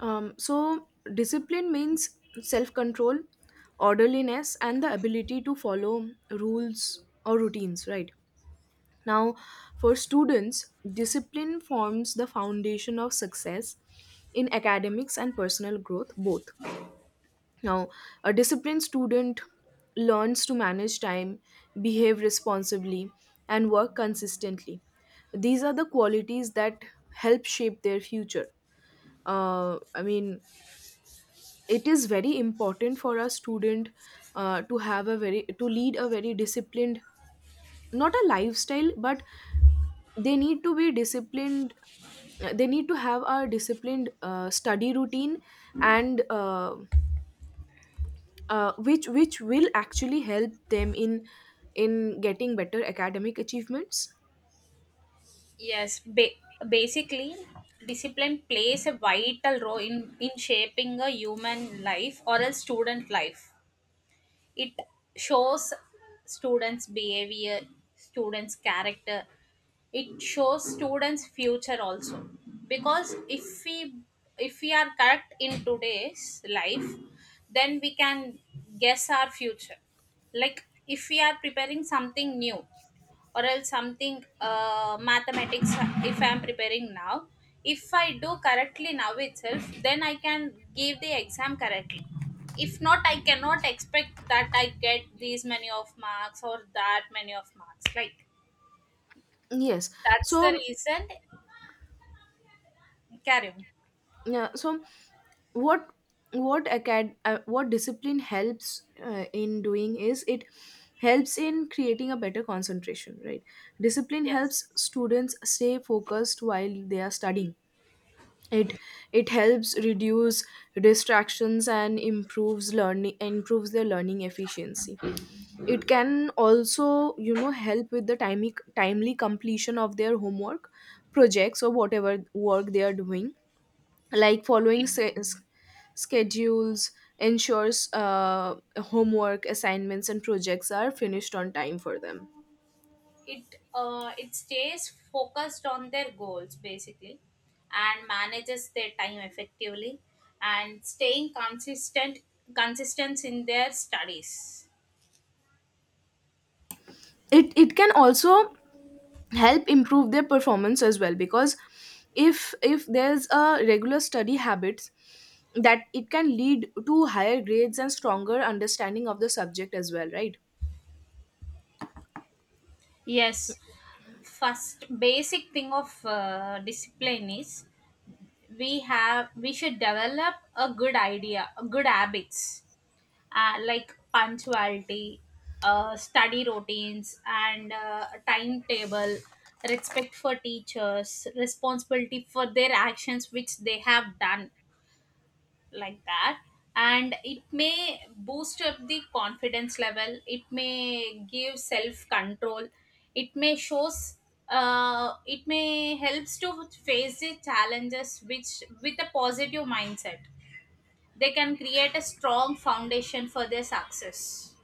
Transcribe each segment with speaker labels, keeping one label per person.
Speaker 1: So, discipline means self control, orderliness, and the ability to follow rules or routines, right? Now, for students, discipline forms the foundation of success in academics and personal growth, both. Now, a disciplined student learns to manage time, behave responsibly, and work consistently. These are the qualities that help shape their future. I mean, it is very important for a student to lead a very disciplined, not a lifestyle, but they need to be disciplined. They need to have a disciplined study routine, and which will actually help them in getting better academic achievements.
Speaker 2: Yes, basically, discipline plays a vital role in shaping a human life or a student life. It shows students' behavior, students' character. It shows students' future also. Because if we are correct in today's life, then we can guess our future. Like if we are preparing something new or else something mathematics. If I'm preparing now, if I do correctly now itself, then I can give the exam correctly. If not, I cannot expect that I get these many of marks or that many of marks, like
Speaker 1: Yes.
Speaker 2: that's the
Speaker 1: so
Speaker 2: reason. Carry on.
Speaker 1: yeah, so what what discipline helps in doing is it helps in creating a better concentration, right? Discipline
Speaker 2: Yes,
Speaker 1: helps students stay focused while they are studying. It it helps reduce distractions and improves their learning efficiency. It can also, help with the timely completion of their homework, projects, or whatever work they are doing. Like following schedules ensures homework, assignments, and projects are finished on time for them.
Speaker 2: it stays focused on their goals basically, and manages their time effectively, and staying consistent in their studies.
Speaker 1: It can also help improve their performance as well, because if there's a regular study habits, that it can lead to higher grades and stronger understanding of the subject as well, right?
Speaker 2: Yes, first basic thing of discipline is we should develop a good idea, a good habits, like punctuality, study routines, and timetable, respect for teachers, responsibility for their actions which they have done, like that. And it may boost up the confidence level, it may give self control, it may shows. It may helps to face the challenges which with a positive mindset. They can create a strong foundation for their success.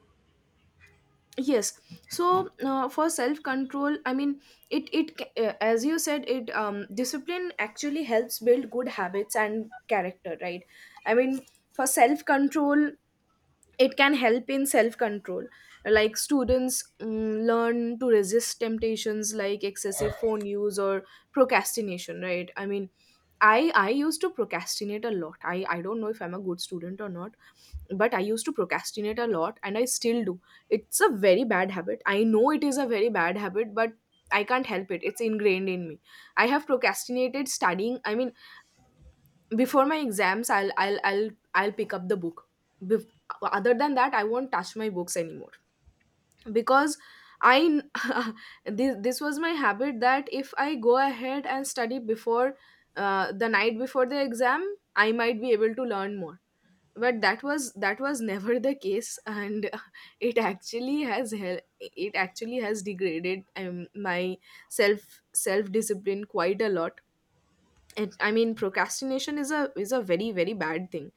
Speaker 1: Yes. So, for self control, I mean, as you said it, discipline actually helps build good habits and character, right? I mean, for self control, it can help in self control. Like students learn to resist temptations like excessive phone use or procrastination, right? I mean, I used to procrastinate a lot. I don't know if I'm a good student or not, but I used to procrastinate a lot, and I still do. It's a very bad habit. I know it is a very bad habit, but I can't help it. It's ingrained in me. I have procrastinated studying. I mean, before my exams, I'll pick up the book. Bef- Other than that, I won't touch my books anymore. Because I this was my habit, that if I go ahead and study before, the night before the exam, I might be able to learn more. But that was never the case, and it actually has degraded my self discipline quite a lot. And I mean, procrastination is a very, very bad thing.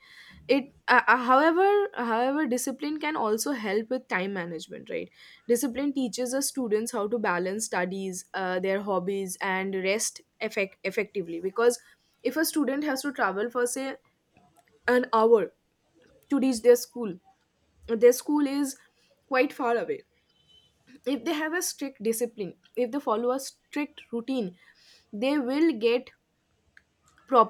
Speaker 1: It uh, uh, however however discipline can also help with time management, right? Discipline teaches the students how to balance studies, their hobbies, and rest effectively. Because if a student has to travel for, say, an hour to reach their school, their school is quite far away. If they have a strict discipline, if they follow a strict routine, they will get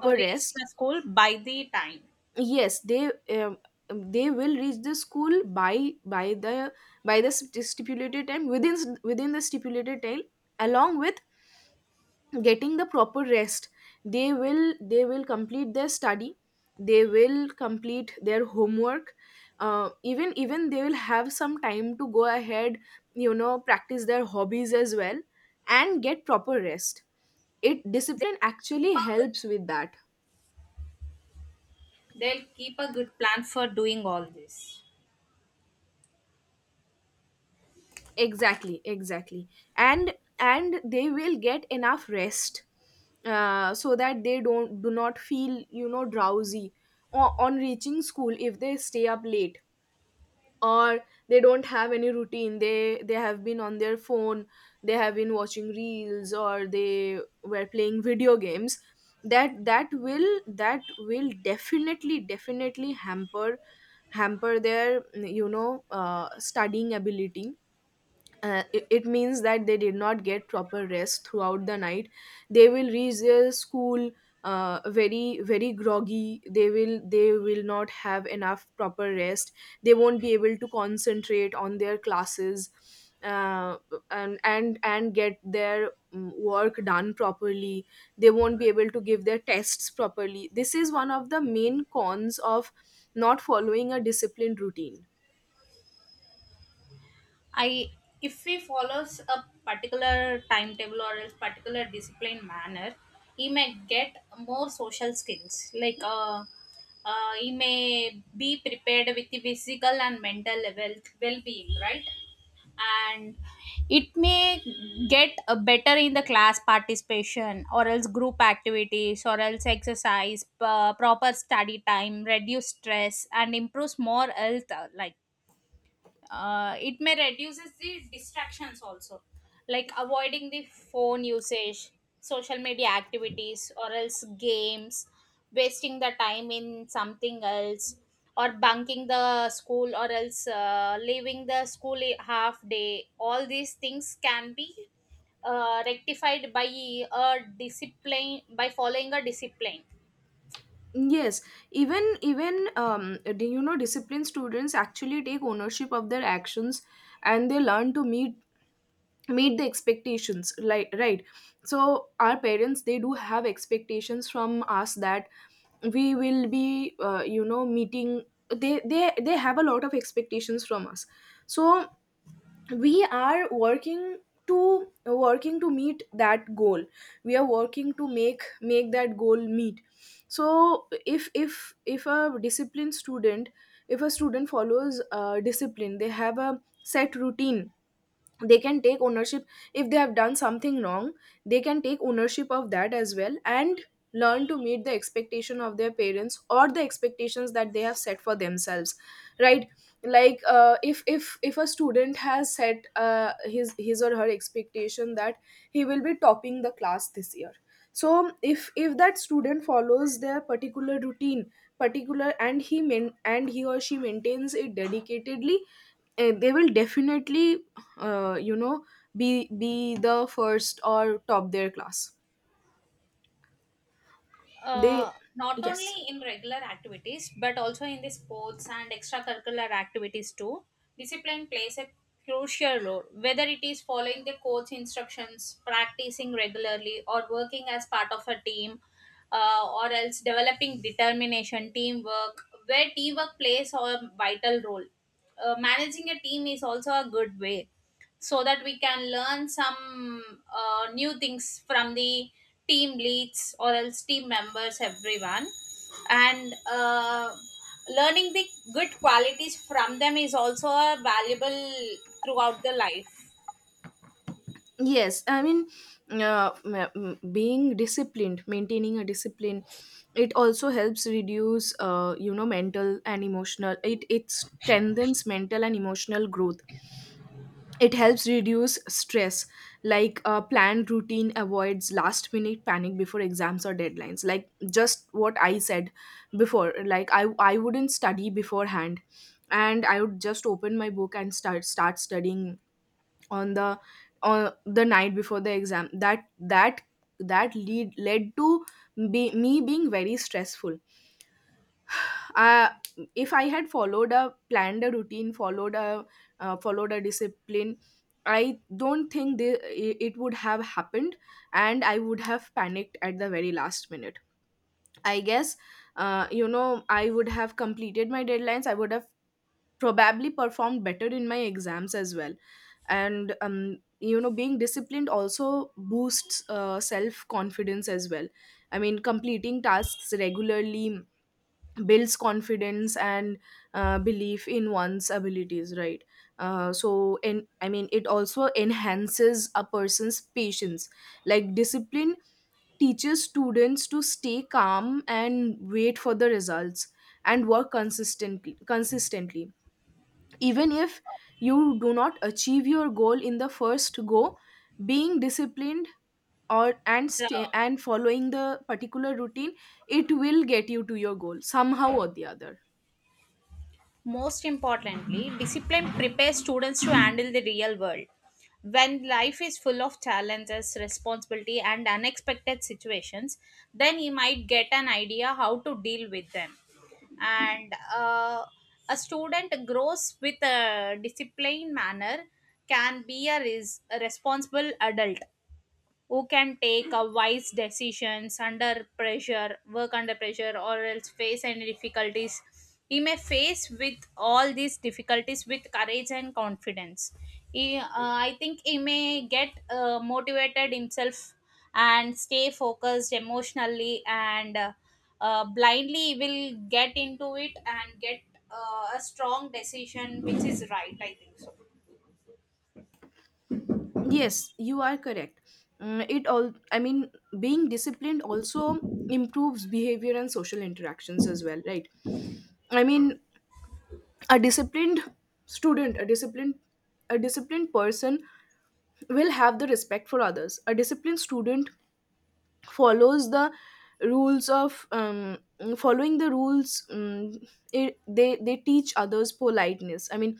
Speaker 2: Reach
Speaker 1: rest.
Speaker 2: the school by the time.
Speaker 1: Yes, they will reach the school by the stipulated time, within the stipulated time, along with getting the proper rest. They will complete their study, they will complete their homework. Even they will have some time to go ahead, you know, practice their hobbies as well, and get proper rest. It
Speaker 2: They'll
Speaker 1: Discipline
Speaker 2: keep
Speaker 1: actually
Speaker 2: a
Speaker 1: helps with that.
Speaker 2: good plan for doing all this.
Speaker 1: Exactly, exactly. And they will get enough rest, so that they don't do not feel, you know, drowsy or on reaching school. If they stay up late, or they don't have any routine, they have been on their phone, they have been watching reels, or they were playing video games, that will definitely hamper their, you know, studying ability. It means that they did not get proper rest throughout the night. They will reach their school very, very groggy. They will they will not have enough proper rest. They won't be able to concentrate on their classes. Uh, and and and get their work done properly. They won't be able to give their tests properly. This is one of the main cons of not following a disciplined routine.
Speaker 2: I If he follows a particular timetable or else particular disciplined manner, he may get more social skills. Like he may be prepared with the physical and mental well being, right? And it may get a better in the class participation or else group activities or else exercise proper study time, reduce stress and improves more health like. It may reduces the distractions also, like avoiding the phone usage, social media activities or else games, wasting the time in something else, or bunking the school or else leaving the school half day. All these things can be rectified by a discipline, by following a discipline.
Speaker 1: Yes, even do you know, disciplined students actually take ownership of their actions, and they learn to meet the expectations. Like, right, so our parents, they do have expectations from us, that we will be, you know, meeting. They have a lot of expectations from us. So we are working to meet that goal. We are working to make that goal meet. So if a student follows discipline, they have a set routine. They can take ownership. If they have done something wrong, they can take ownership of that as well, and learn to meet the expectation of their parents, or the expectations that they have set for themselves, right? Like, if a student has set, his or her expectation that he will be topping the class this year, so if that student follows their particular routine, particular and and he or she maintains it dedicatedly, they will definitely, you know, be the first or top their class. They
Speaker 2: Not
Speaker 1: Yes.
Speaker 2: only in regular activities but also in the sports and extracurricular activities too, discipline plays a crucial role, whether it is following the coach instructions, practicing regularly, or working as part of a team, or else developing determination, teamwork, where teamwork plays a vital role. Managing a team is also a good way, so that we can learn some new things from the team leads or else team members, everyone. And learning the good qualities from them is also a valuable throughout the life.
Speaker 1: Yes, I mean, uh, m- being disciplined, maintaining a discipline, it also helps reduce, you know, mental and emotional. It strengthens mental and emotional growth. It helps reduce stress. Like a planned routine avoids last minute panic before exams or deadlines. Like just what I said before. Like I wouldn't study beforehand, and I would just open my book and start studying on the night before the exam. That lead led to, me being very stressful. uh, if I had followed a routine, followed a discipline, I don't think it would have happened, and I would have panicked at the very last minute, I guess. You know, I would have completed my deadlines. I would have probably performed better in my exams as well. And you know, being disciplined also boosts self confidence as well. I mean, completing tasks regularly builds confidence and belief in one's abilities, right? So and I mean, it also enhances a person's patience. Like discipline teaches students to stay calm and wait for the results, and work consistently. Even if you do not achieve your goal in the first go, being disciplined or and
Speaker 2: So,
Speaker 1: stay and following the particular routine, it will get you to your goal somehow or the other.
Speaker 2: most importantly, discipline prepares students to handle the real world. When life is full of challenges, responsibility, and unexpected situations, then you might get an idea how to deal with them. And a student grows with a disciplined manner can be a a responsible adult who can take a wise decisions under pressure, work under pressure, or else face any difficulties he may face. With all these difficulties, with courage and confidence, he, I think he may get motivated himself and stay focused emotionally, and blindly he will get into it and get a strong decision which is right, I think so.
Speaker 1: Yes, you are correct. Mm, it all I mean, being disciplined also improves behavior and social interactions as well, right? I mean, a disciplined student a disciplined person will have the respect for others. A disciplined student follows the rules of, following the rules. Um, it, they they teach others politeness, I mean.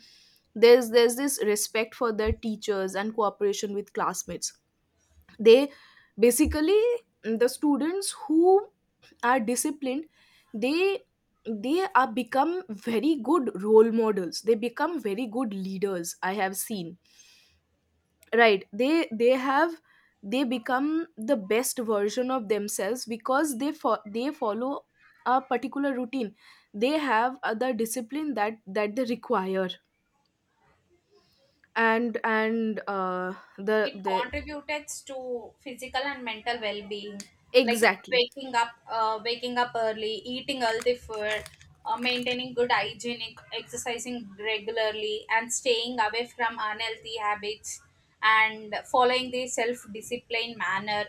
Speaker 1: There's this respect for their teachers and cooperation with classmates. They Basically, the students who are disciplined, they they are become very good role models. They become very good leaders, I have seen, right? They become the best version of themselves because they follow a particular routine. They have the discipline that they require, and
Speaker 2: It
Speaker 1: the
Speaker 2: contributed to physical and mental well-being, like
Speaker 1: exactly
Speaker 2: waking up early, eating healthy food, maintaining good hygiene, exercising regularly and staying away from unhealthy habits, and following the self-discipline manner.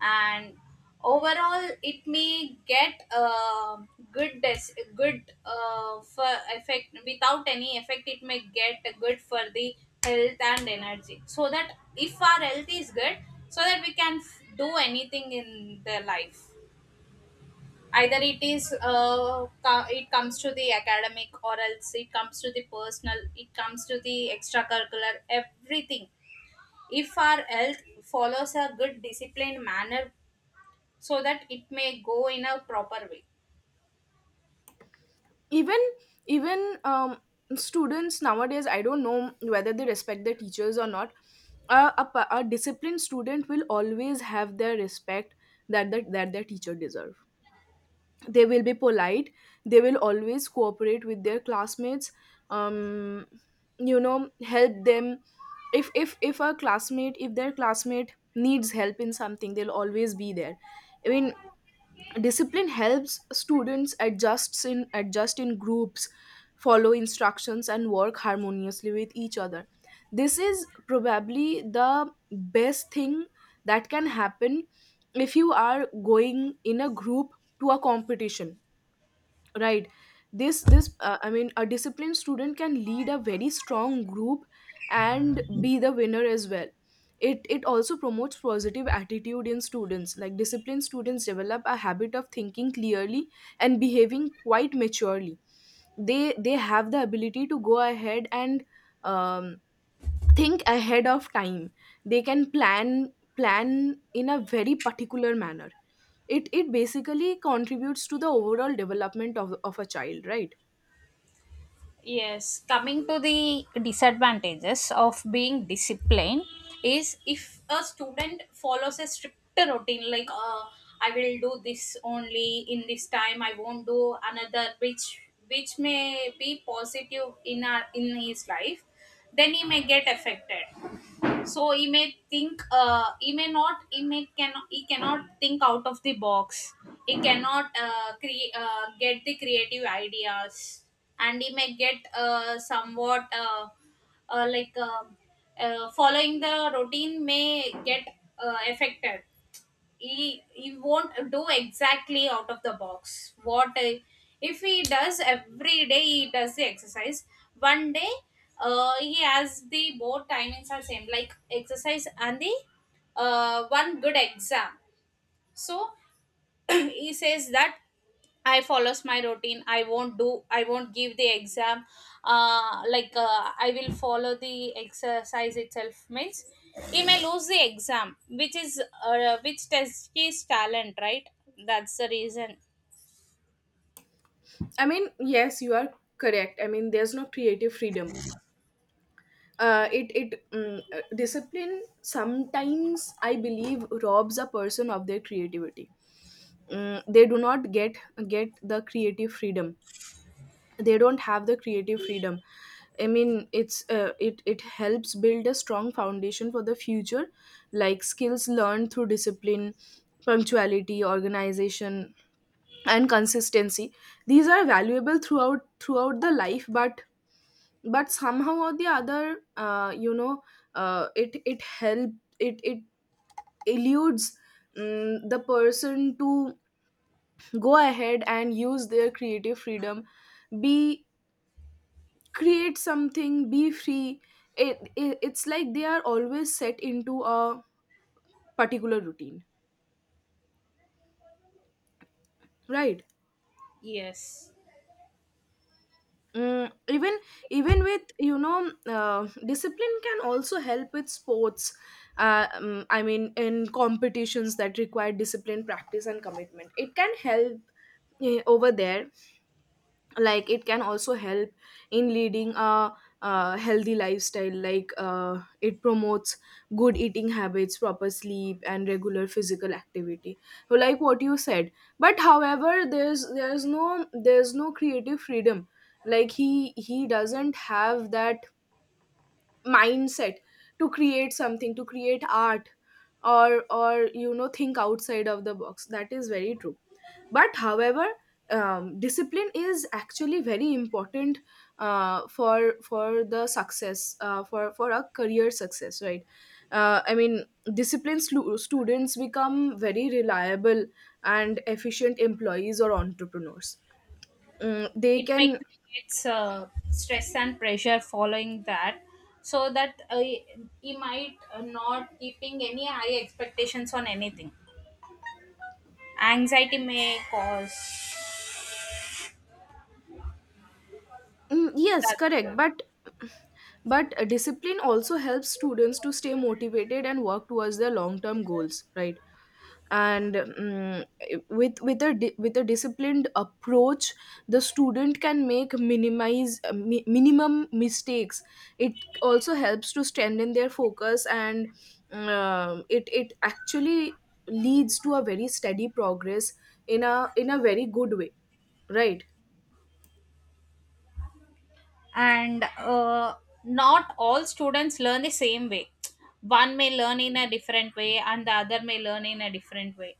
Speaker 2: And overall, it may get good good for effect. Without any effect, it may get good for the health and energy, so that if our health is good, so that we can do anything in the life, either it is it comes to the academic or else it comes to the personal, it comes to the extracurricular, everything. If our health follows a good disciplined manner, so that it may go in a proper way.
Speaker 1: even even students nowadays, I don't know whether they respect their teachers or not. A disciplined student will always have their respect, that that their teacher deserve. They will be polite. They will always cooperate with their classmates, um you know, help them. If their classmate needs help in something, they'll always be there. I mean, discipline helps students adjust in groups, follow instructions, and work harmoniously with each other. This is probably the best thing that can happen if you are going in a group to a competition, right? this I mean, a disciplined student can lead a very strong group and be the winner as well. It also promotes positive attitude in students. Like disciplined students develop a habit of thinking clearly and behaving quite maturely. They have the ability to go ahead and, um, think ahead of time. They can plan in a very particular manner. It basically contributes to the overall development of a child, right?
Speaker 2: Yes, coming to the disadvantages of being disciplined is, if a student follows a strict routine, like I will do this only in this time, I won't do another, which may be positive in our in his life, then he may get affected. So he may think he may not he may cannot he cannot think out of the box, he cannot create get the creative ideas. And he may get somewhat like following the routine may get affected. He won't do exactly out of the box. What If he does every day, he does the exercise one day, he has the both timings are same, like exercise and the one good exam. So he says that I follows my routine, I won't do, I won't give the exam. I will follow the exercise itself means he may lose the exam which is which tests his talent, right? That's the reason.
Speaker 1: I mean, yes, you are correct. I mean, there's no creative freedom. Discipline sometimes, I believe, robs a person of their creativity. They do not get the creative freedom. They don't have the creative freedom. I mean, it helps build a strong foundation for the future. Like skills learned through discipline, punctuality, organization, and consistency, these are valuable throughout the life, but somehow or the other, you know, it it help it it eludes the person to go ahead and use their creative freedom. Be Create something, be free. It's like they are always set into a particular routine, right?
Speaker 2: Yes,
Speaker 1: Mm, even even with, you know, discipline can also help with sports. I mean, in competitions that require discipline, practice, and commitment, it can help over there. Like, it can also help in leading a healthy lifestyle. Like, it promotes good eating habits, proper sleep, and regular physical activity. So, like what you said. But however, there's no creative freedom. Like he doesn't have that mindset to create something, to create art, or you know, think outside of the box. That is very true. But however, discipline is actually very important, for a career success, right? I mean, disciplined students become very reliable and efficient employees or entrepreneurs. They
Speaker 2: it may
Speaker 1: can.
Speaker 2: create stress and pressure following that. So that he might not keeping any high expectations on anything, anxiety may cause.
Speaker 1: Yes,
Speaker 2: That's
Speaker 1: correct, but discipline also helps students to stay motivated and work towards their long term goals, right? And with a disciplined approach, the student can make minimize, minimum mistakes. It also helps to strengthen their focus, and it actually leads to a very steady progress in a very good way, right?
Speaker 2: And not all students learn the same way. One may learn in a different way and the other may learn in a different way.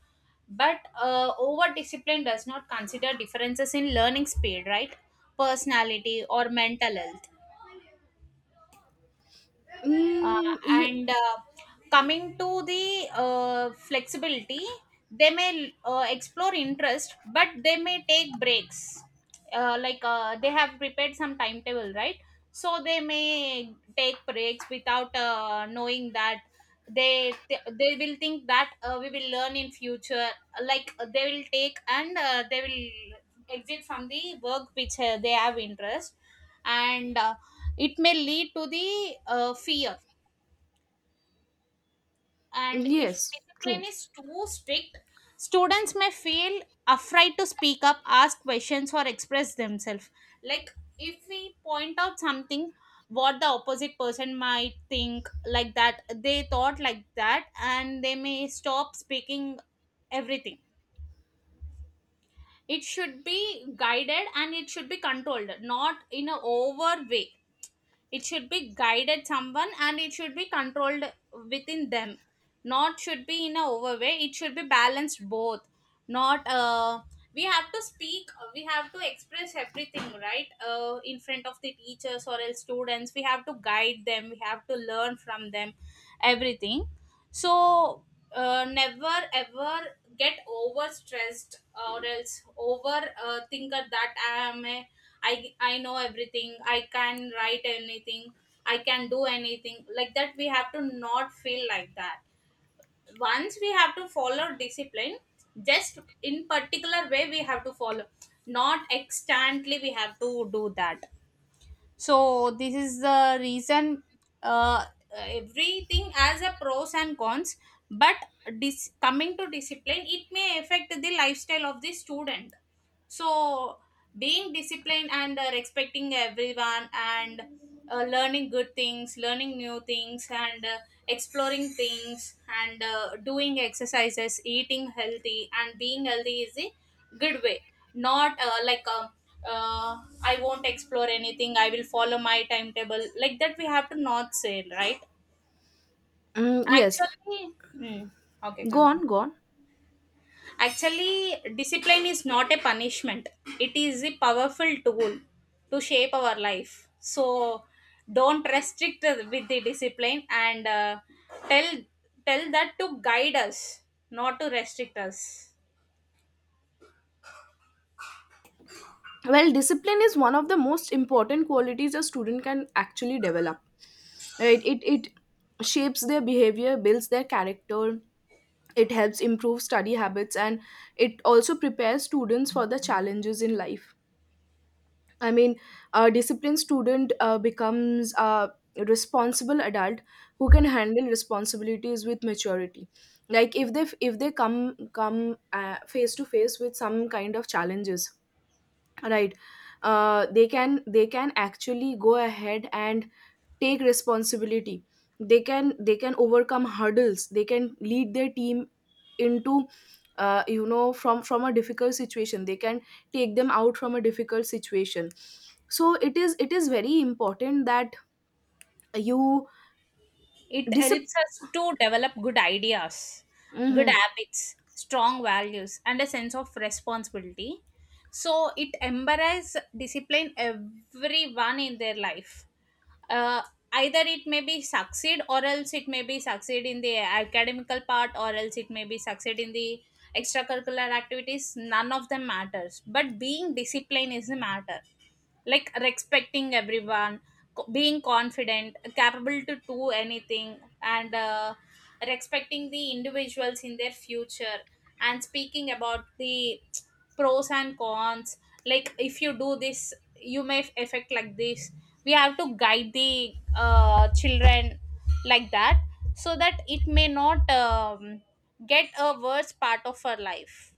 Speaker 2: But over discipline does not consider differences in learning speed, right? Personality or mental health. Uh,
Speaker 1: mm, ye-
Speaker 2: and Coming to the flexibility, they may explore interest, but they may take breaks. They have prepared some timetable, right? So they may take breaks without knowing that. they they will think that we will learn in future. They will take and they will exit from the work which they have interest. And it may lead to the fear. And if
Speaker 1: yes,
Speaker 2: discipline
Speaker 1: true.
Speaker 2: is too strict, students may feel afraid to speak up, ask questions, or express themselves. Like if we point out something, what the opposite person might think, like that they thought like that, and they may stop speaking everything. It should be guided and it should be controlled, not in a over way. It should be guided someone and it should be controlled within them. Not should be in a over way, it should be balanced both. Not We have to speak, we have to express everything, right? In front of the teachers or else students, we have to guide them, we have to learn from them everything. So never ever get overstressed or else over thinker that I am a, I know everything, I can write anything, I can do anything, like that we have to not feel like that. Once we have to follow discipline, just in particular way we have to follow, not extantly we have to do that. So this is the reason. uh, Everything has a pros and cons. But coming to discipline, it may affect the lifestyle of the student. So being disciplined, and respecting everyone, and learning good things, learning new things, and exploring things, and doing exercises, eating healthy and being healthy is a good way. Not like uh, I won't explore anything, I will follow my timetable, like that we have to not say, right?
Speaker 1: Yes.
Speaker 2: Actually, okay,
Speaker 1: go
Speaker 2: continue.
Speaker 1: on go on
Speaker 2: Actually, discipline is not a punishment, it is a powerful tool to shape our life. So don't restrict with the discipline, and tell tell that to guide us, not to restrict us.
Speaker 1: Well, discipline is one of the most important qualities a student can actually develop, right? It shapes their behavior, builds their character. It helps improve study habits, and it also prepares students for the challenges in life. I mean, a disciplined student becomes a responsible adult who can handle responsibilities with maturity. Like if they come face to face with some kind of challenges, right? They can actually go ahead and take responsibility. They can overcome hurdles. They can lead their team into, you know, from a difficult situation. They can take them out from a difficult situation. So it is very important that you
Speaker 2: It
Speaker 1: discipline.
Speaker 2: helps us to develop good ideas, good
Speaker 1: Mm-hmm.
Speaker 2: habits, strong values, and a sense of responsibility. So it embraces discipline everyone in their life. Uh, Either it may be succeed or else it may be succeed in the academical part, or else it may be succeed in the extracurricular activities. None of them matters. But being disciplined is the matter, like respecting everyone, being confident, capable to do anything, and respecting the individuals in their future, and speaking about the pros and cons, like if you do this, you may affect like this. We have to guide the children like that, so that it may not get a worse part of her life.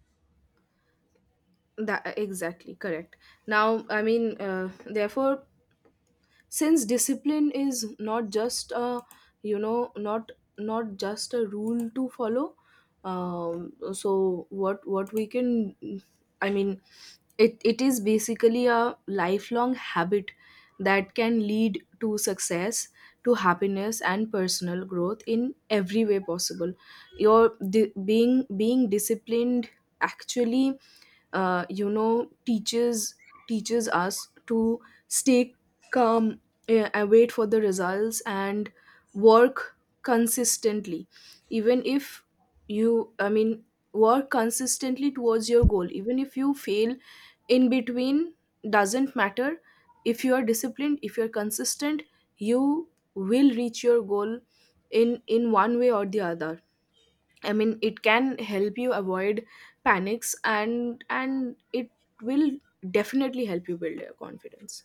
Speaker 1: that Exactly, correct. Now, I mean, therefore, since discipline is not just a, you know, not just a rule to follow, so what we can I mean, it is basically a lifelong habit that can lead to success, to happiness, and personal growth in every way possible. Your di- being being disciplined actually, you know, teaches us to stay calm, and wait for the results, and work consistently. Even if you, work consistently towards your goal. Even if you fail in between, doesn't matter. If you are disciplined, if you're consistent, you will reach your goal in one way or the other. I mean, it can help you avoid panics, and it will definitely help you build your confidence.